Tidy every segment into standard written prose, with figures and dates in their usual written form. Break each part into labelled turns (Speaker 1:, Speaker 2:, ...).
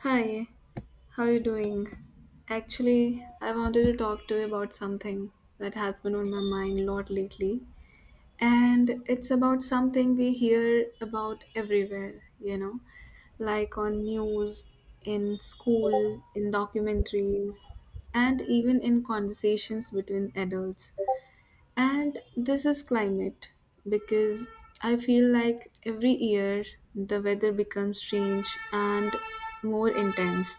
Speaker 1: Hi, how are you doing? Actually, I wanted to talk to you about something that has been on my mind a lot lately. And it's about something we hear about everywhere, like on news, in school, in documentaries, and even in conversations between adults. And this is climate because I feel like every year the weather becomes strange and more intense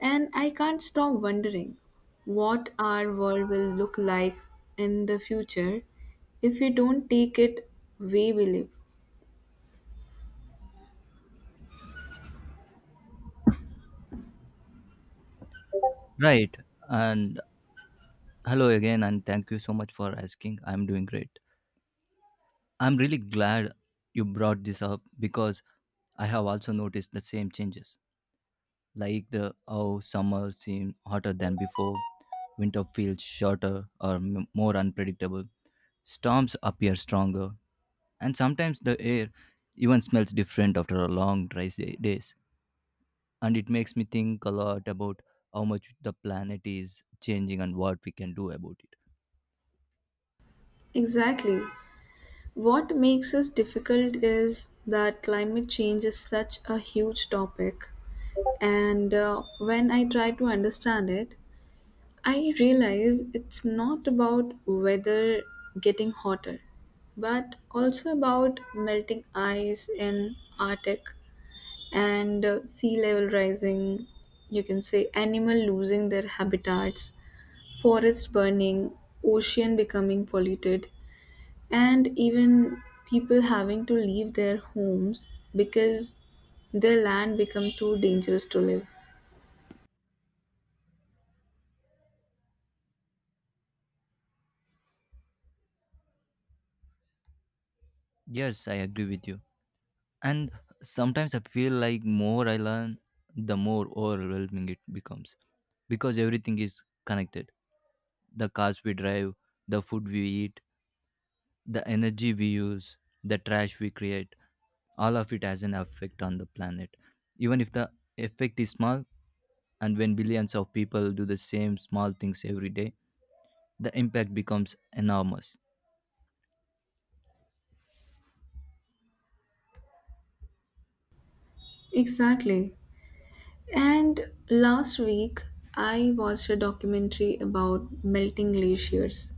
Speaker 1: and I can't stop wondering what our world will look like in the future if we don't take it way we live.
Speaker 2: Right. And hello again, and thank you so much for asking. I'm doing great. I'm really glad you brought this up because I have also noticed the same changes, like the how summer seemed hotter than before, winter feels shorter or more unpredictable, storms appear stronger, and sometimes the air even smells different after a long dry days. And it makes me think a lot about how much the planet is changing and what we can do about it.
Speaker 1: Exactly. What makes us difficult is that climate change is such a huge topic, and when I try to understand it, I realize it's not about weather getting hotter, but also about melting ice in Arctic and sea level rising, you can say animal losing their habitats, forest burning, ocean becoming polluted, and even people having to leave their homes because their land become too dangerous to live.
Speaker 2: Yes, I agree with you. And sometimes I feel like more I learn, the more overwhelming it becomes because everything is connected. The cars we drive, the food we eat, the energy we use, the trash we create, all of it has an effect on the planet. Even if the effect is small, and when billions of people do the same small things every day, the impact becomes enormous.
Speaker 1: Exactly. And last week, I watched a documentary about melting glaciers,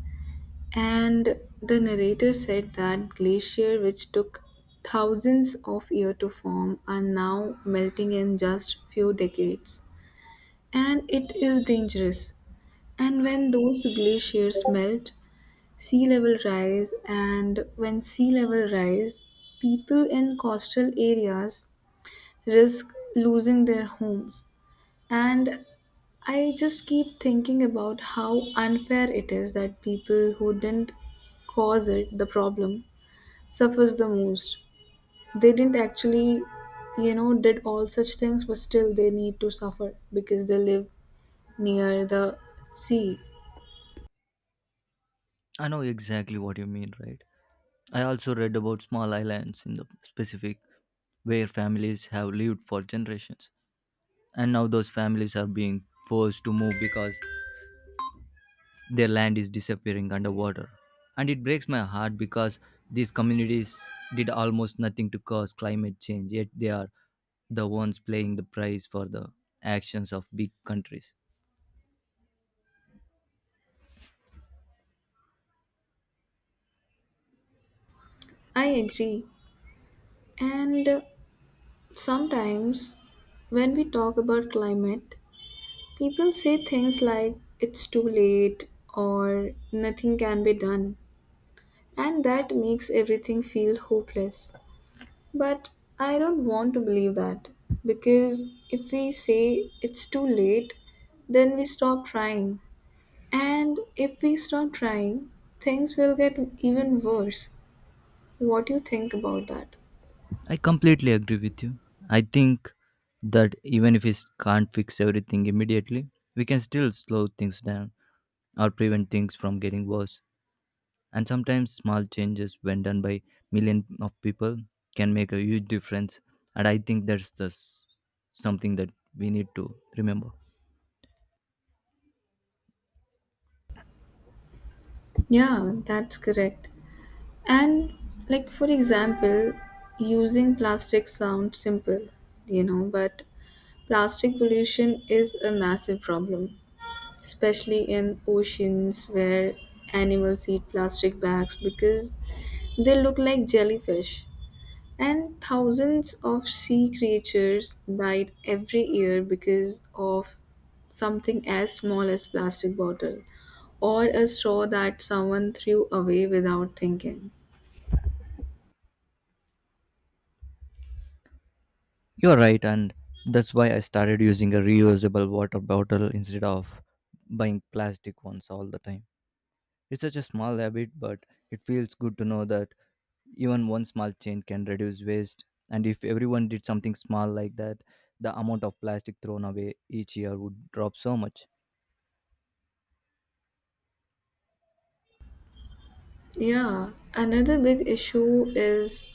Speaker 1: and the narrator said that glaciers which took thousands of years to form are now melting in just few decades, and it is dangerous. And when those glaciers melt, sea level rise, and when sea level rise, people in coastal areas risk losing their homes and I just keep thinking about how unfair it is that people who didn't cause it, the problem, suffers the most. They didn't actually, did all such things, but still they need to suffer because they live near the sea.
Speaker 2: I know exactly what you mean, right? I also read about small islands in the Pacific where families have lived for generations, and now those families are being forced to move because their land is disappearing underwater. And it breaks my heart because these communities did almost nothing to cause climate change, yet they are the ones paying the price for the actions of big countries.
Speaker 1: I agree. And sometimes when we talk about climate, people say things like it's too late or nothing can be done. And that makes everything feel hopeless. But I don't want to believe that because if we say it's too late, then we stop trying. And if we stop trying, things will get even worse. What do you think about that?
Speaker 2: I completely agree with you. I think that even if we can't fix everything immediately, we can still slow things down or prevent things from getting worse. And sometimes small changes, when done by million of people, can make a huge difference. And I think that's something that we need to remember.
Speaker 1: Yeah, that's correct. And like for example, using plastic sounds simple, but plastic pollution is a massive problem especially in oceans where animals eat plastic bags because they look like jellyfish. And thousands of sea creatures died every year because of something as small as plastic bottle or a straw that someone threw away without thinking.
Speaker 2: You're right, and that's why I started using a reusable water bottle instead of buying plastic ones all the time. It's such a small habit, but it feels good to know that even one small change can reduce waste, and if everyone did something small like that, the amount of plastic thrown away each year would drop so much.
Speaker 1: Yeah, another big issue is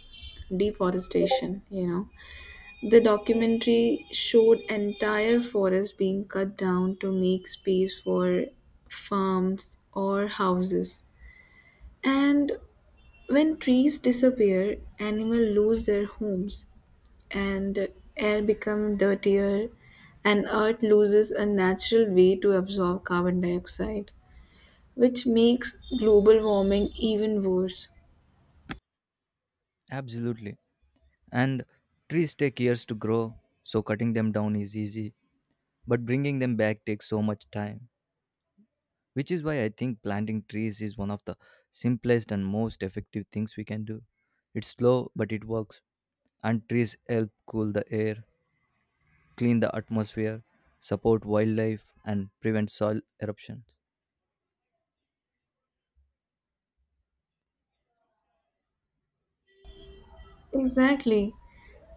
Speaker 1: deforestation. The documentary showed entire forests being cut down to make space for farms or houses. And when trees disappear, animals lose their homes, and air becomes dirtier, and Earth loses a natural way to absorb carbon dioxide, which makes global warming even worse.
Speaker 2: Absolutely. And trees take years to grow, so cutting them down is easy, but bringing them back takes so much time, which is why I think planting trees is one of the simplest and most effective things we can do. It's slow, but it works. And trees help cool the air, clean the atmosphere, support wildlife, and prevent soil eruptions.
Speaker 1: Exactly.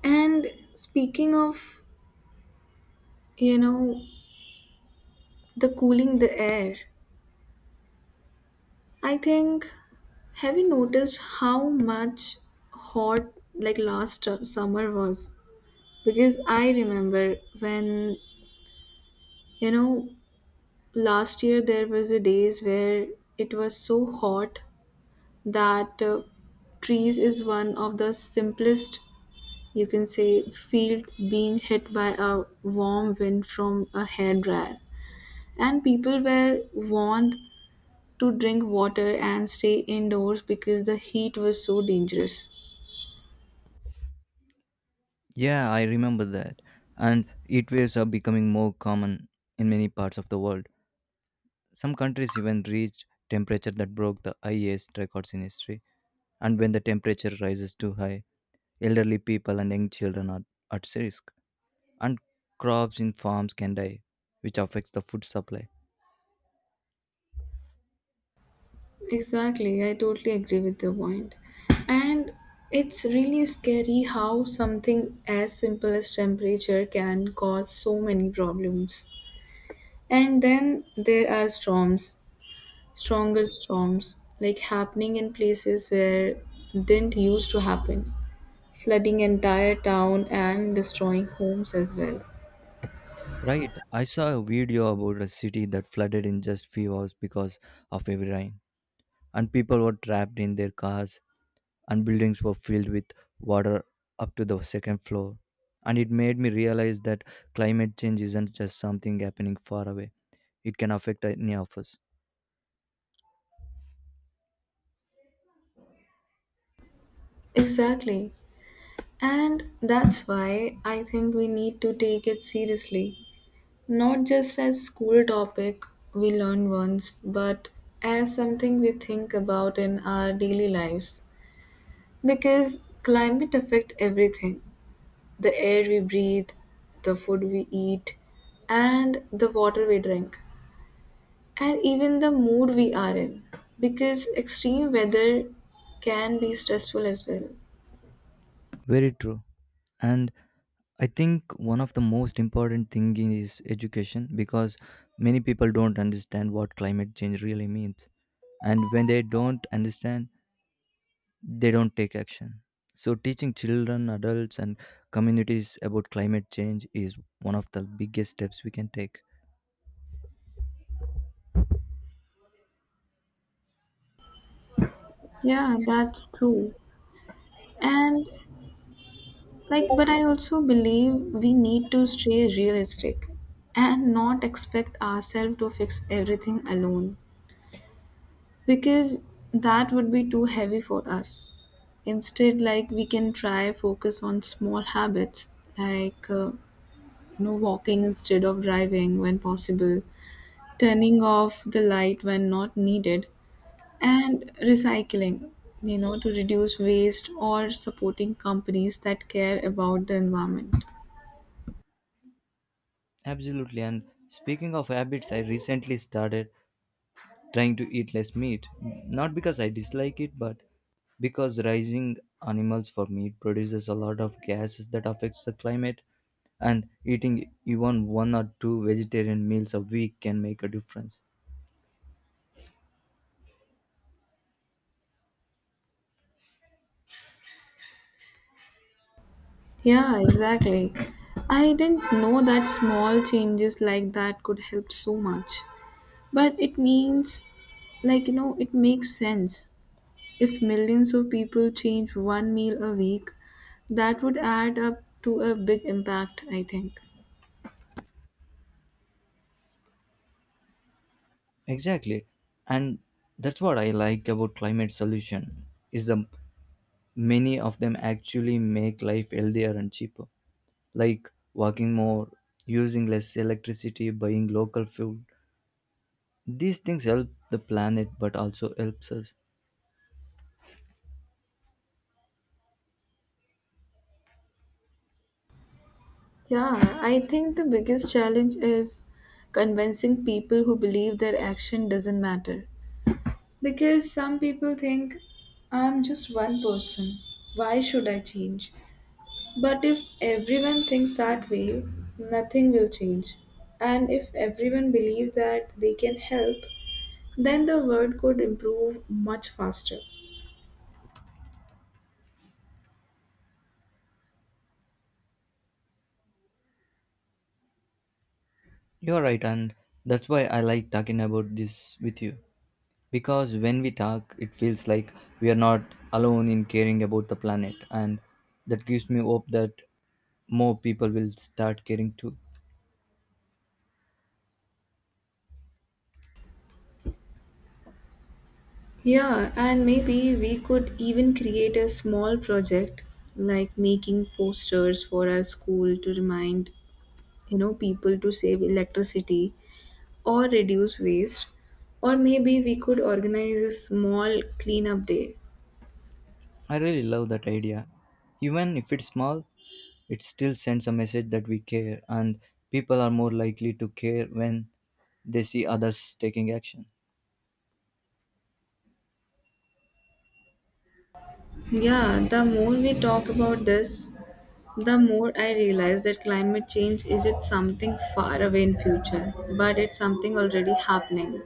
Speaker 1: And speaking of, you know, the cooling the air, I think, have you noticed how much hot like last summer was? Because I remember when, you know, last year there was a days where it was so hot that trees is one of the simplest you can say field being hit by a warm wind from a hairdryer and people were warned to drink water and stay indoors because the heat was so dangerous.
Speaker 2: Yeah, I remember that. And heat waves are becoming more common in many parts of the world. Some countries even reached temperature that broke the highest records in history. And when the temperature rises too high, elderly people and young children are at risk. And crops in farms can die, which affects the food supply.
Speaker 1: Exactly, I totally agree with your point. And it's really scary how something as simple as temperature can cause so many problems. And then there are storms, stronger storms, like happening in places where didn't used to happen, flooding entire town and destroying homes as well.
Speaker 2: Right, I saw a video about a city that flooded in just few hours because of heavy rain. And people were trapped in their cars, and buildings were filled with water up to the second floor. And it made me realize that climate change isn't just something happening far away, it can affect any of us.
Speaker 1: Exactly. And that's why I think we need to take it seriously. Not just as school topic we learn once, but as something we think about in our daily lives. Because climate affect everything. The air we breathe, the food we eat, and the water we drink. And even the mood we are in. Because extreme weather can be stressful as well.
Speaker 2: Very true. And I think one of the most important thing is education because many people don't understand what climate change really means. And when they don't understand, they don't take action. So teaching children, adults and communities about climate change is one of the biggest steps we can take.
Speaker 1: Yeah, that's true. And like, but I also believe we need to stay realistic and not expect ourselves to fix everything alone because that would be too heavy for us. Instead, like, we can try focus on small habits like, walking instead of driving when possible, turning off the light when not needed, and recycling, to reduce waste or supporting companies that care about the environment.
Speaker 2: Absolutely. And speaking of habits, I recently started trying to eat less meat. Not because I dislike it, but because raising animals for meat produces a lot of gases that affects the climate, and eating even one or two vegetarian meals a week can make a difference.
Speaker 1: Yeah, exactly. I didn't know that small changes like that could help so much. But it means, like, it makes sense. If millions of people change one meal a week, that would add up to a big impact, I think.
Speaker 2: Exactly. And that's what I like about climate solution is the many of them actually make life healthier and cheaper, like walking more, using less electricity, buying local food. These things help the planet but also helps us.
Speaker 1: Yeah, I think the biggest challenge is convincing people who believe their action doesn't matter. Because some people think, I'm just one person. Why should I change? But if everyone thinks that way, nothing will change. And if everyone believes that they can help, then the world could improve much faster.
Speaker 2: You're right, and that's why I like talking about this with you. Because when we talk, it feels like we are not alone in caring about the planet, and that gives me hope that more people will start caring too.
Speaker 1: Yeah, and maybe we could even create a small project like making posters for our school to remind, people to save electricity or reduce waste. Or maybe we could organize a small cleanup day.
Speaker 2: I really love that idea. Even if it's small, it still sends a message that we care, and people are more likely to care when they see others taking action.
Speaker 1: Yeah, the more we talk about this, the more I realize that climate change isn't something far away in future, but it's something already happening.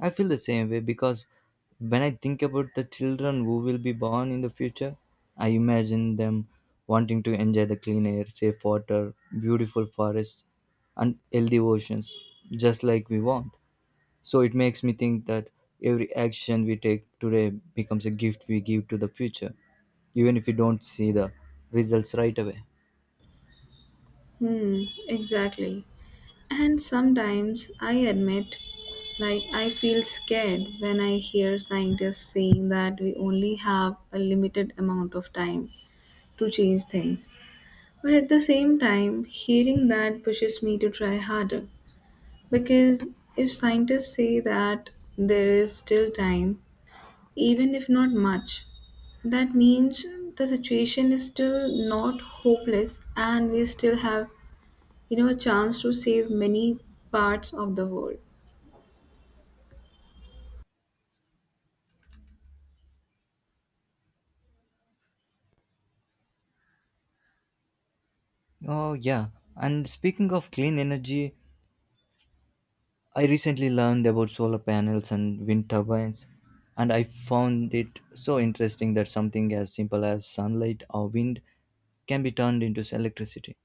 Speaker 2: I feel the same way because when I think about the children who will be born in the future, I imagine them wanting to enjoy the clean air, safe water, beautiful forests, and healthy oceans, just like we want. So it makes me think that every action we take today becomes a gift we give to the future, even if we don't see the results right away.
Speaker 1: Hmm, exactly. And sometimes I admit, like, I feel scared when I hear scientists saying that we only have a limited amount of time to change things. But at the same time, hearing that pushes me to try harder. Because if scientists say that there is still time, even if not much, that means the situation is still not hopeless and we still have, a chance to save many parts of the world.
Speaker 2: Oh, yeah. And speaking of clean energy, I recently learned about solar panels and wind turbines, and I found it so interesting that something as simple as sunlight or wind can be turned into electricity.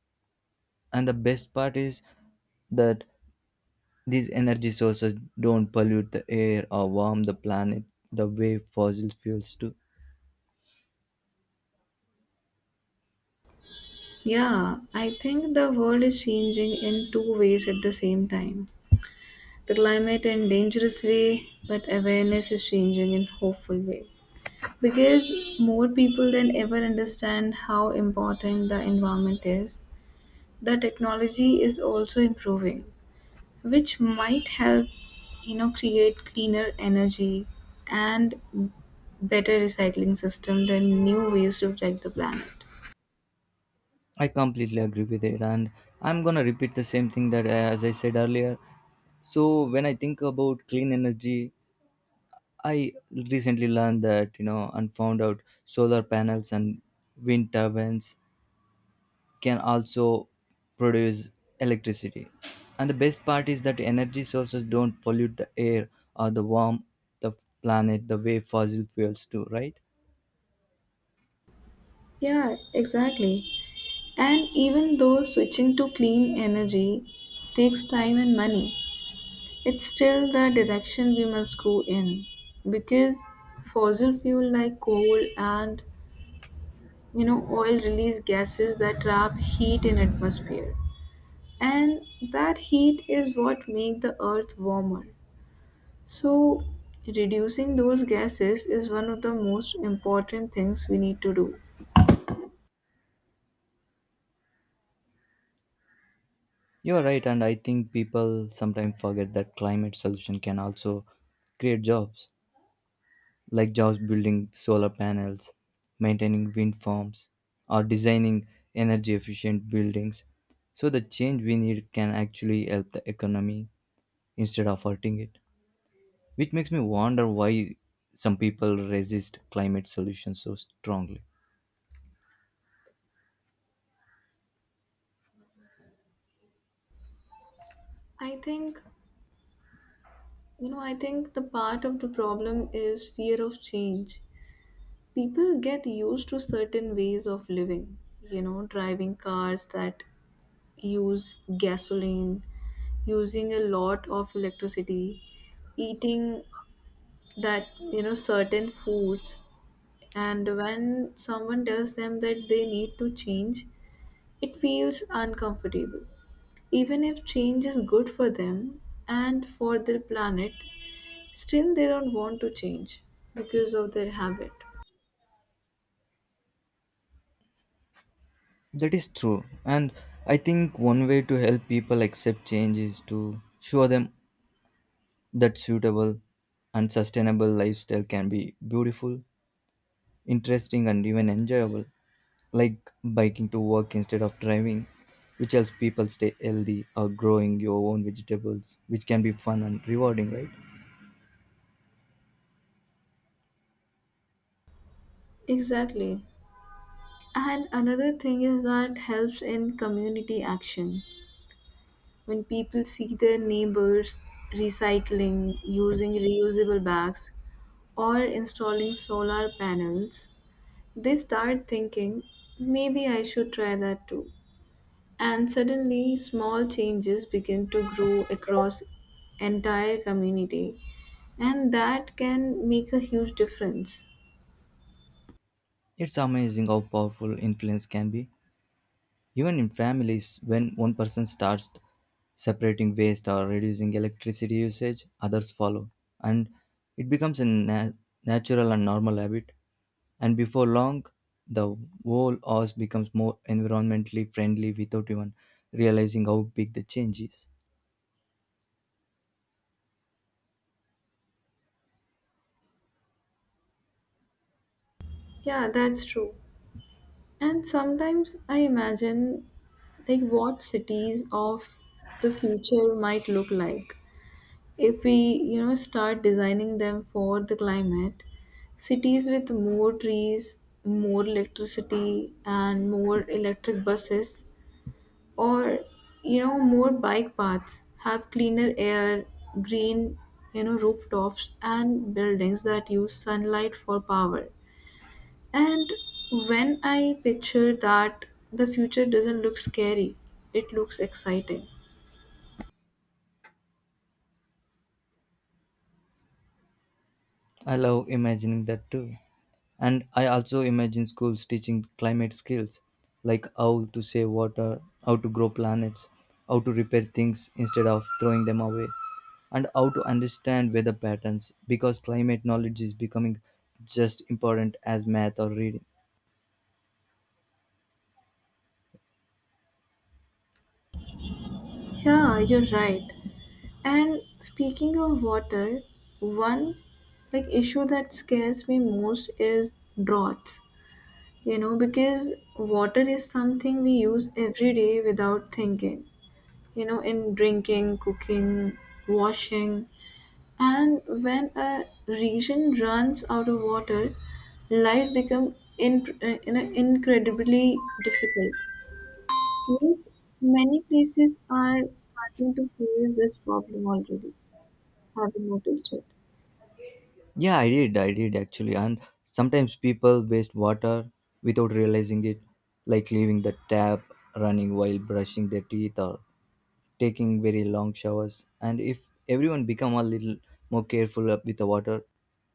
Speaker 2: And the best part is that these energy sources don't pollute the air or warm the planet the way fossil fuels do.
Speaker 1: Yeah, I think the world is changing in two ways at the same time. The climate in dangerous way, but awareness is changing in hopeful way. Because more people than ever understand how important the environment is. The technology is also improving, which might help, create cleaner energy and better recycling system than new ways to protect the planet.
Speaker 2: I completely agree with it, and I'm gonna repeat the same thing that as I said earlier. So when I think about clean energy, I recently learned that and found out solar panels and wind turbines can also produce electricity. And the best part is that energy sources don't pollute the air or the warm the planet the way fossil fuels do, right?
Speaker 1: Yeah, exactly. And even though switching to clean energy takes time and money, it's still the direction we must go in because fossil fuel like coal and oil release gases that trap heat in atmosphere and that heat is what make the earth warmer, so reducing those gases is one of the most important things we need to do.
Speaker 2: You're right, and I think people sometimes forget that climate solution can also create jobs, like jobs building solar panels, maintaining wind farms, or designing energy efficient buildings. So the change we need can actually help the economy instead of hurting it, which makes me wonder why some people resist climate solutions so strongly.
Speaker 1: I think you know i think the part of the problem is fear of change. People get used to certain ways of living, driving cars that use gasoline, using a lot of electricity, eating that certain foods. And when someone tells them that they need to change, it feels uncomfortable. Even if change is good for them and for their planet, still they don't want to change because of their habit.
Speaker 2: That is true. And I think one way to help people accept change is to show them that suitable and sustainable lifestyle can be beautiful, interesting, and even enjoyable, like biking to work instead of driving, which helps people stay healthy, or growing your own vegetables, which can be fun and rewarding, right?
Speaker 1: Exactly. And another thing is that helps in community action. When people see their neighbors recycling, using reusable bags, or installing solar panels, they start thinking, maybe I should try that too. And suddenly, small changes begin to grow across entire community. And that can make a huge difference.
Speaker 2: It's amazing how powerful influence can be. Even in families, when one person starts separating waste or reducing electricity usage, others follow, and it becomes a natural and normal habit. And before long, the whole house becomes more environmentally friendly without even realizing how big the change is.
Speaker 1: Yeah, that's true. And sometimes I imagine like what cities of the future might look like. If we, start designing them for the climate, cities with more trees, more electricity, and more electric buses, or, more bike paths, have cleaner air, green, rooftops, and buildings that use sunlight for power. And when I picture that, the future doesn't look scary, it looks exciting.
Speaker 2: I love imagining that too. And I also imagine schools teaching climate skills, like how to save water, how to grow planets, how to repair things instead of throwing them away, and how to understand weather patterns because climate knowledge is becoming just important as math or reading.
Speaker 1: Yeah, you're right. And speaking of water, one like issue that scares me most is droughts. You know, because water is something we use every day without thinking. You know, in drinking, cooking, washing, and when a region runs out of water, life becomes in incredibly difficult. Yet, many places are starting to face this problem already. Have you noticed it?
Speaker 2: Yeah, I did actually. And sometimes people waste water without realizing it, like leaving the tap running while brushing their teeth or taking very long showers. And if everyone become a little more careful up with the water,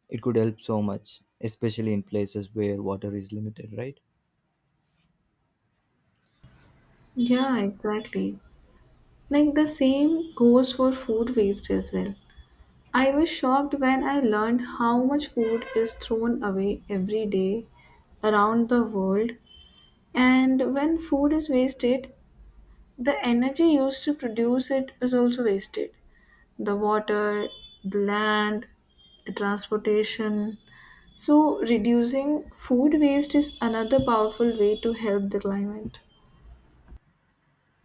Speaker 2: it could help so much, especially in places where water is limited, right?
Speaker 1: Yeah, exactly. Like the same goes for food waste as well. I was shocked when I learned how much food is thrown away every day around the world. And when food is wasted, the energy used to produce it is also wasted. The water, the land, the transportation, so, reducing food waste is another powerful way to help the climate.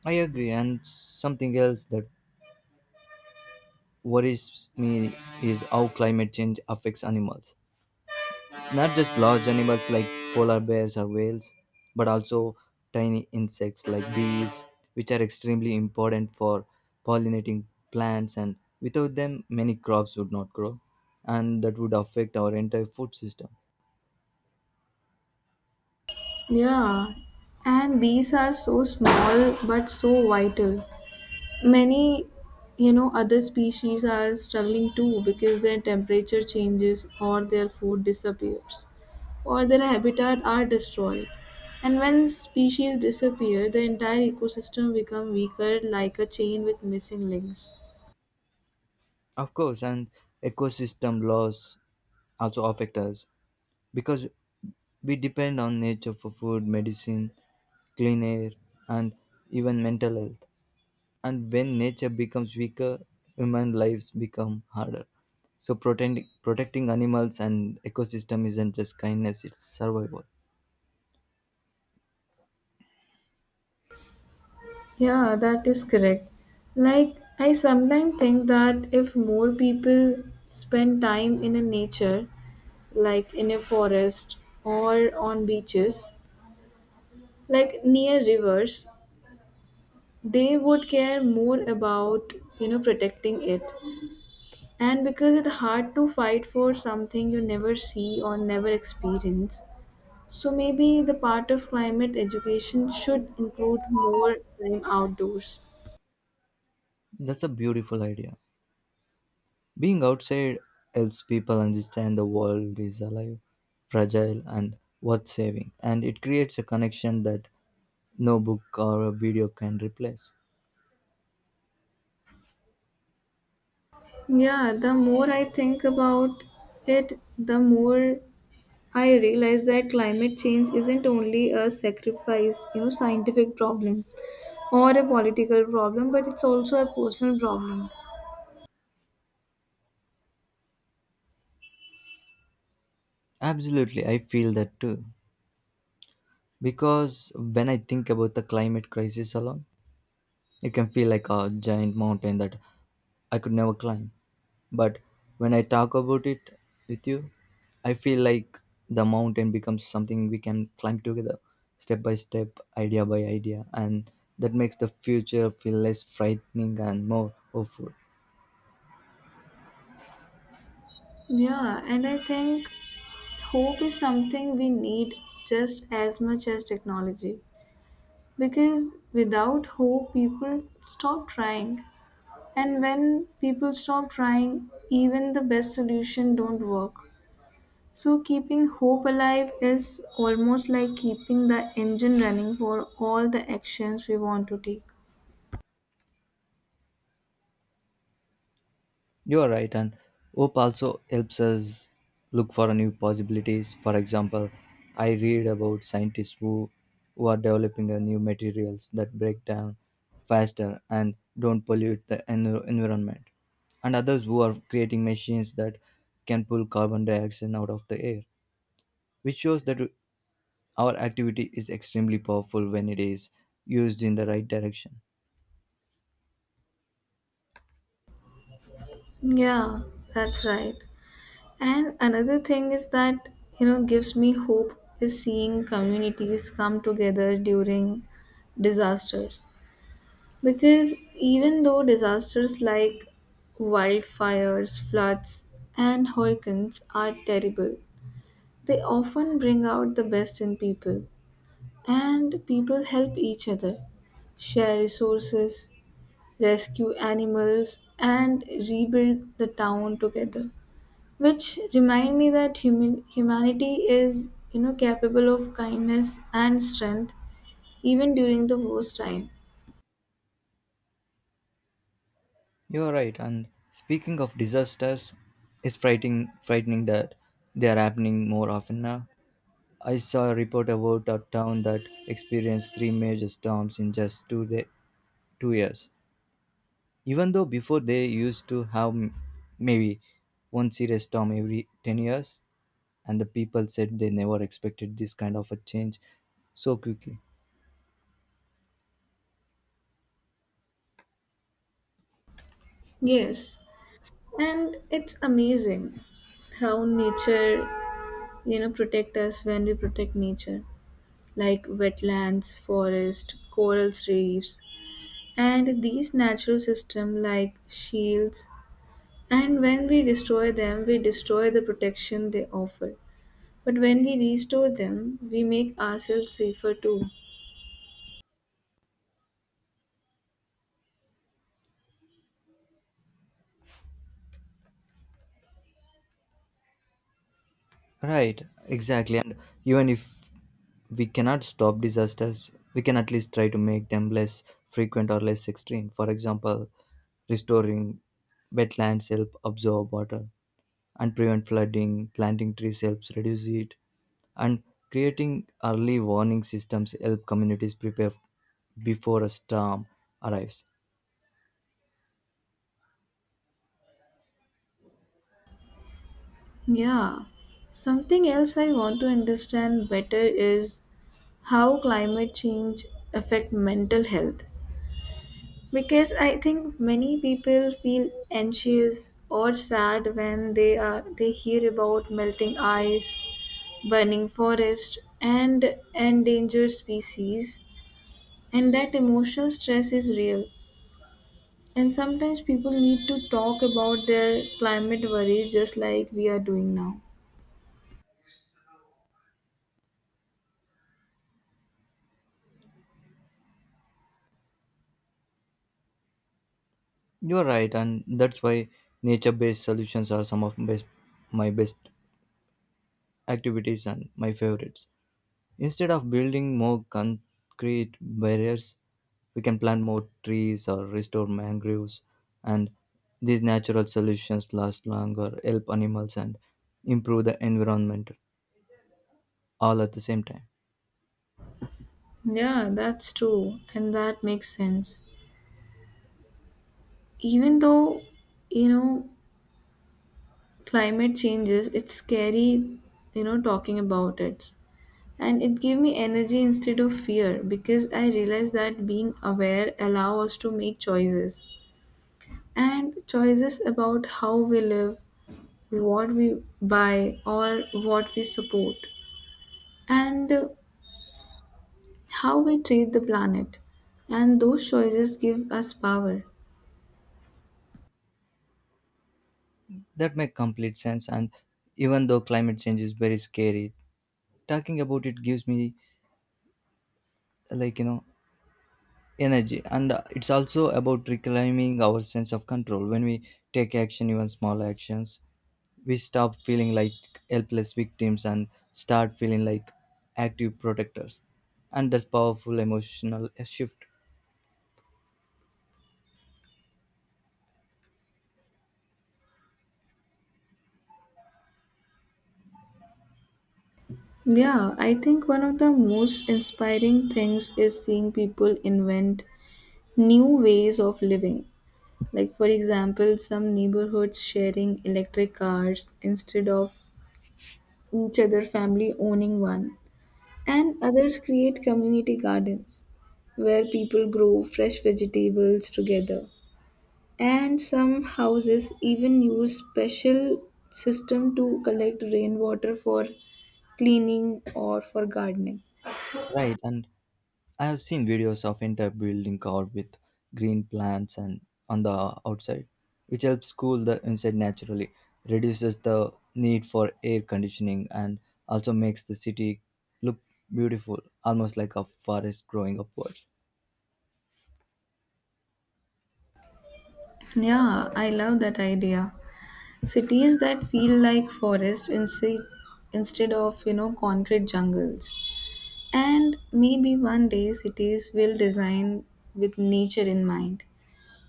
Speaker 2: I agree. And something else that worries me is how climate change affects animals. Not just large animals like polar bears or whales, but also tiny insects like bees, which are extremely important for pollinating plants, and without them, many crops would not grow, and that would affect our entire food system.
Speaker 1: Yeah, and bees are so small but so vital. Many, other species are struggling too because their temperature changes or their food disappears or their habitat are destroyed. And when species disappear, the entire ecosystem becomes weaker like a chain with missing links.
Speaker 2: Of course, and ecosystem loss also affect us because we depend on nature for food, medicine, clean air, and even mental health. And when nature becomes weaker, human lives become harder, so protecting animals and ecosystem isn't just kindness, it's survival.
Speaker 1: Yeah, that is correct. Like, I sometimes think that if more people spend time in a nature, like in a forest or on beaches, like near rivers, they would care more about, protecting it. And because it's hard to fight for something you never see or never experience, so maybe the part of climate education should include more time outdoors.
Speaker 2: That's a beautiful idea. Being outside helps people understand the world is alive, fragile and worth saving, and it creates a connection that no book or a video can replace.
Speaker 1: Yeah, the more I think about it, the more I realize that climate change isn't only a sacrifice, scientific problem or a political problem, but it's also a personal problem.
Speaker 2: Absolutely, I feel that too. Because when I think about the climate crisis alone, it can feel like a giant mountain that I could never climb. But when I talk about it with you, I feel like the mountain becomes something we can climb together, step by step, idea by idea, and that makes the future feel less frightening and more hopeful.
Speaker 1: Yeah, and I think hope is something we need just as much as technology because without hope, people stop trying. And when people stop trying, even the best solution don't work. So, keeping hope alive is almost like keeping the engine running for all the actions we want to take.
Speaker 2: You're right, and hope also helps us look for new possibilities. For example, I read about scientists who are developing a new materials that break down faster and don't pollute the environment, and others who are creating machines that can pull carbon dioxide out of the air, which shows that our activity is extremely powerful when it is used in the right direction.
Speaker 1: Yeah, that's right. And another thing is that, gives me hope is seeing communities come together during disasters. Because even though disasters like wildfires, floods, and hurricanes are terrible, they often bring out the best in people. And people help each other, share resources, rescue animals, and rebuild the town together. Which remind me that humanity is capable of kindness and strength even during the worst time.
Speaker 2: You are right. And speaking of disasters, it's frightening that they are happening more often now. I saw a report about a town that experienced three major storms in just 2 day, 2 years. Even though before they used to have maybe one serious storm every 10 years, and the people said they never expected this kind of a change so quickly.
Speaker 1: Yes, and it's amazing how nature protect us when we protect nature, like wetlands, forest, corals, reefs, and these natural systems like shields. And when we destroy them, we destroy the protection they offer, but when we restore them, we make ourselves safer too.
Speaker 2: Right, exactly. And even if we cannot stop disasters, we can at least try to make them less frequent or less extreme. For example, restoring wetlands help absorb water and prevent flooding, planting trees helps reduce it, and creating early warning systems help communities prepare before a storm arrives.
Speaker 1: Yeah, something else I want to understand better is how climate change affect mental health. Because I think many people feel anxious or sad when they hear about melting ice, burning forest and endangered species, and that emotional stress is real. And sometimes people need to talk about their climate worries just like we are doing now.
Speaker 2: You are right, and that's why nature based solutions are some of best, my best activities and my favorites. Instead of building more concrete barriers, we can plant more trees or restore mangroves, and these natural solutions last longer, help animals, and improve the environment all at the same time.
Speaker 1: Yeah, that's true, and that makes sense. Even though, you know, climate changes, it's scary, talking about it. And it gave me energy instead of fear because I realized that being aware allows us to make choices and choices about how we live, what we buy, or what we support, and how we treat the planet. And those choices give us power.
Speaker 2: That makes complete sense. And even though climate change is very scary, talking about it gives me, like, energy, and it's also about reclaiming our sense of control. When we take action, even small actions, we stop feeling like helpless victims and start feeling like active protectors. And that's powerful emotional shift.
Speaker 1: Yeah, I think one of the most inspiring things is seeing people invent new ways of living. Like, for example, some neighborhoods sharing electric cars instead of each other family owning one, and others create community gardens where people grow fresh vegetables together. And some houses even use special system to collect rainwater for cleaning or for gardening.
Speaker 2: Right, and I have seen videos of entire building covered with green plants and on the outside, which helps cool the inside naturally, reduces the need for air conditioning, and also makes the city look beautiful, almost like a forest growing upwards.
Speaker 1: Yeah, I love that idea. Cities that feel like forests instead of concrete jungles. And maybe one day cities will design with nature in mind,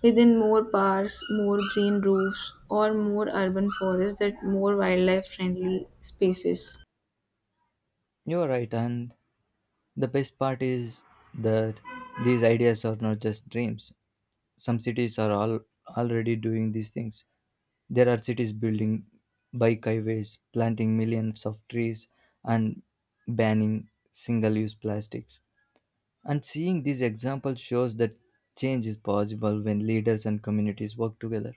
Speaker 1: within more parks, more green roofs, or more urban forests that more wildlife friendly spaces.
Speaker 2: You are right, and the best part is that these ideas are not just dreams. Some cities are all already doing these things. There are cities building bike highways, planting millions of trees, and banning single use plastics. And seeing these examples shows that change is possible when leaders and communities work together.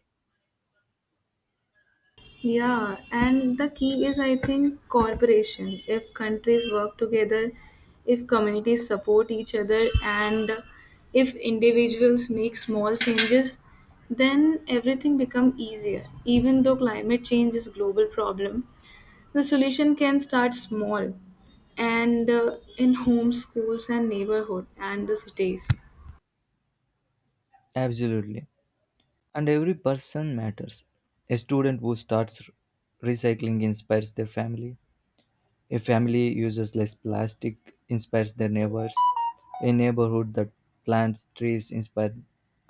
Speaker 1: Yeah, and the key is, I think, cooperation. If countries work together, if communities support each other, and if individuals make small changes, then everything becomes easier. Even though climate change is a global problem, the solution can start small and in homes, schools, and neighborhood and the cities.
Speaker 2: Absolutely. And every person matters. A student who starts recycling inspires their family. A family uses less plastic inspires their neighbors. A neighborhood that plants trees inspires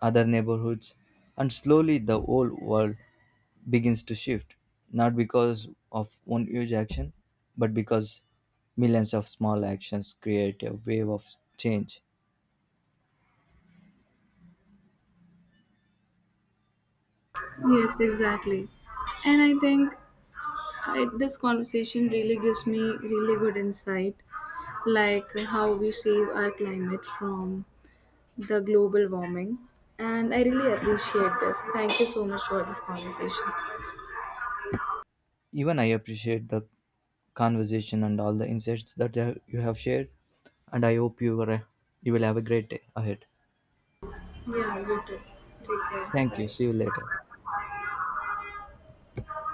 Speaker 2: other neighborhoods. And slowly the whole world begins to shift, not because of one huge action, but because millions of small actions create a wave of change.
Speaker 1: Yes, exactly. And this conversation really gives me really good insight like how we save our climate from the global warming. And I really appreciate this. Thank you so much for this conversation.
Speaker 2: Even I appreciate the conversation and all the insights that you have shared, and I hope you will have a great day ahead.
Speaker 1: Yeah, you too. Take care.
Speaker 2: Thank you.
Speaker 1: Bye.
Speaker 2: See you later.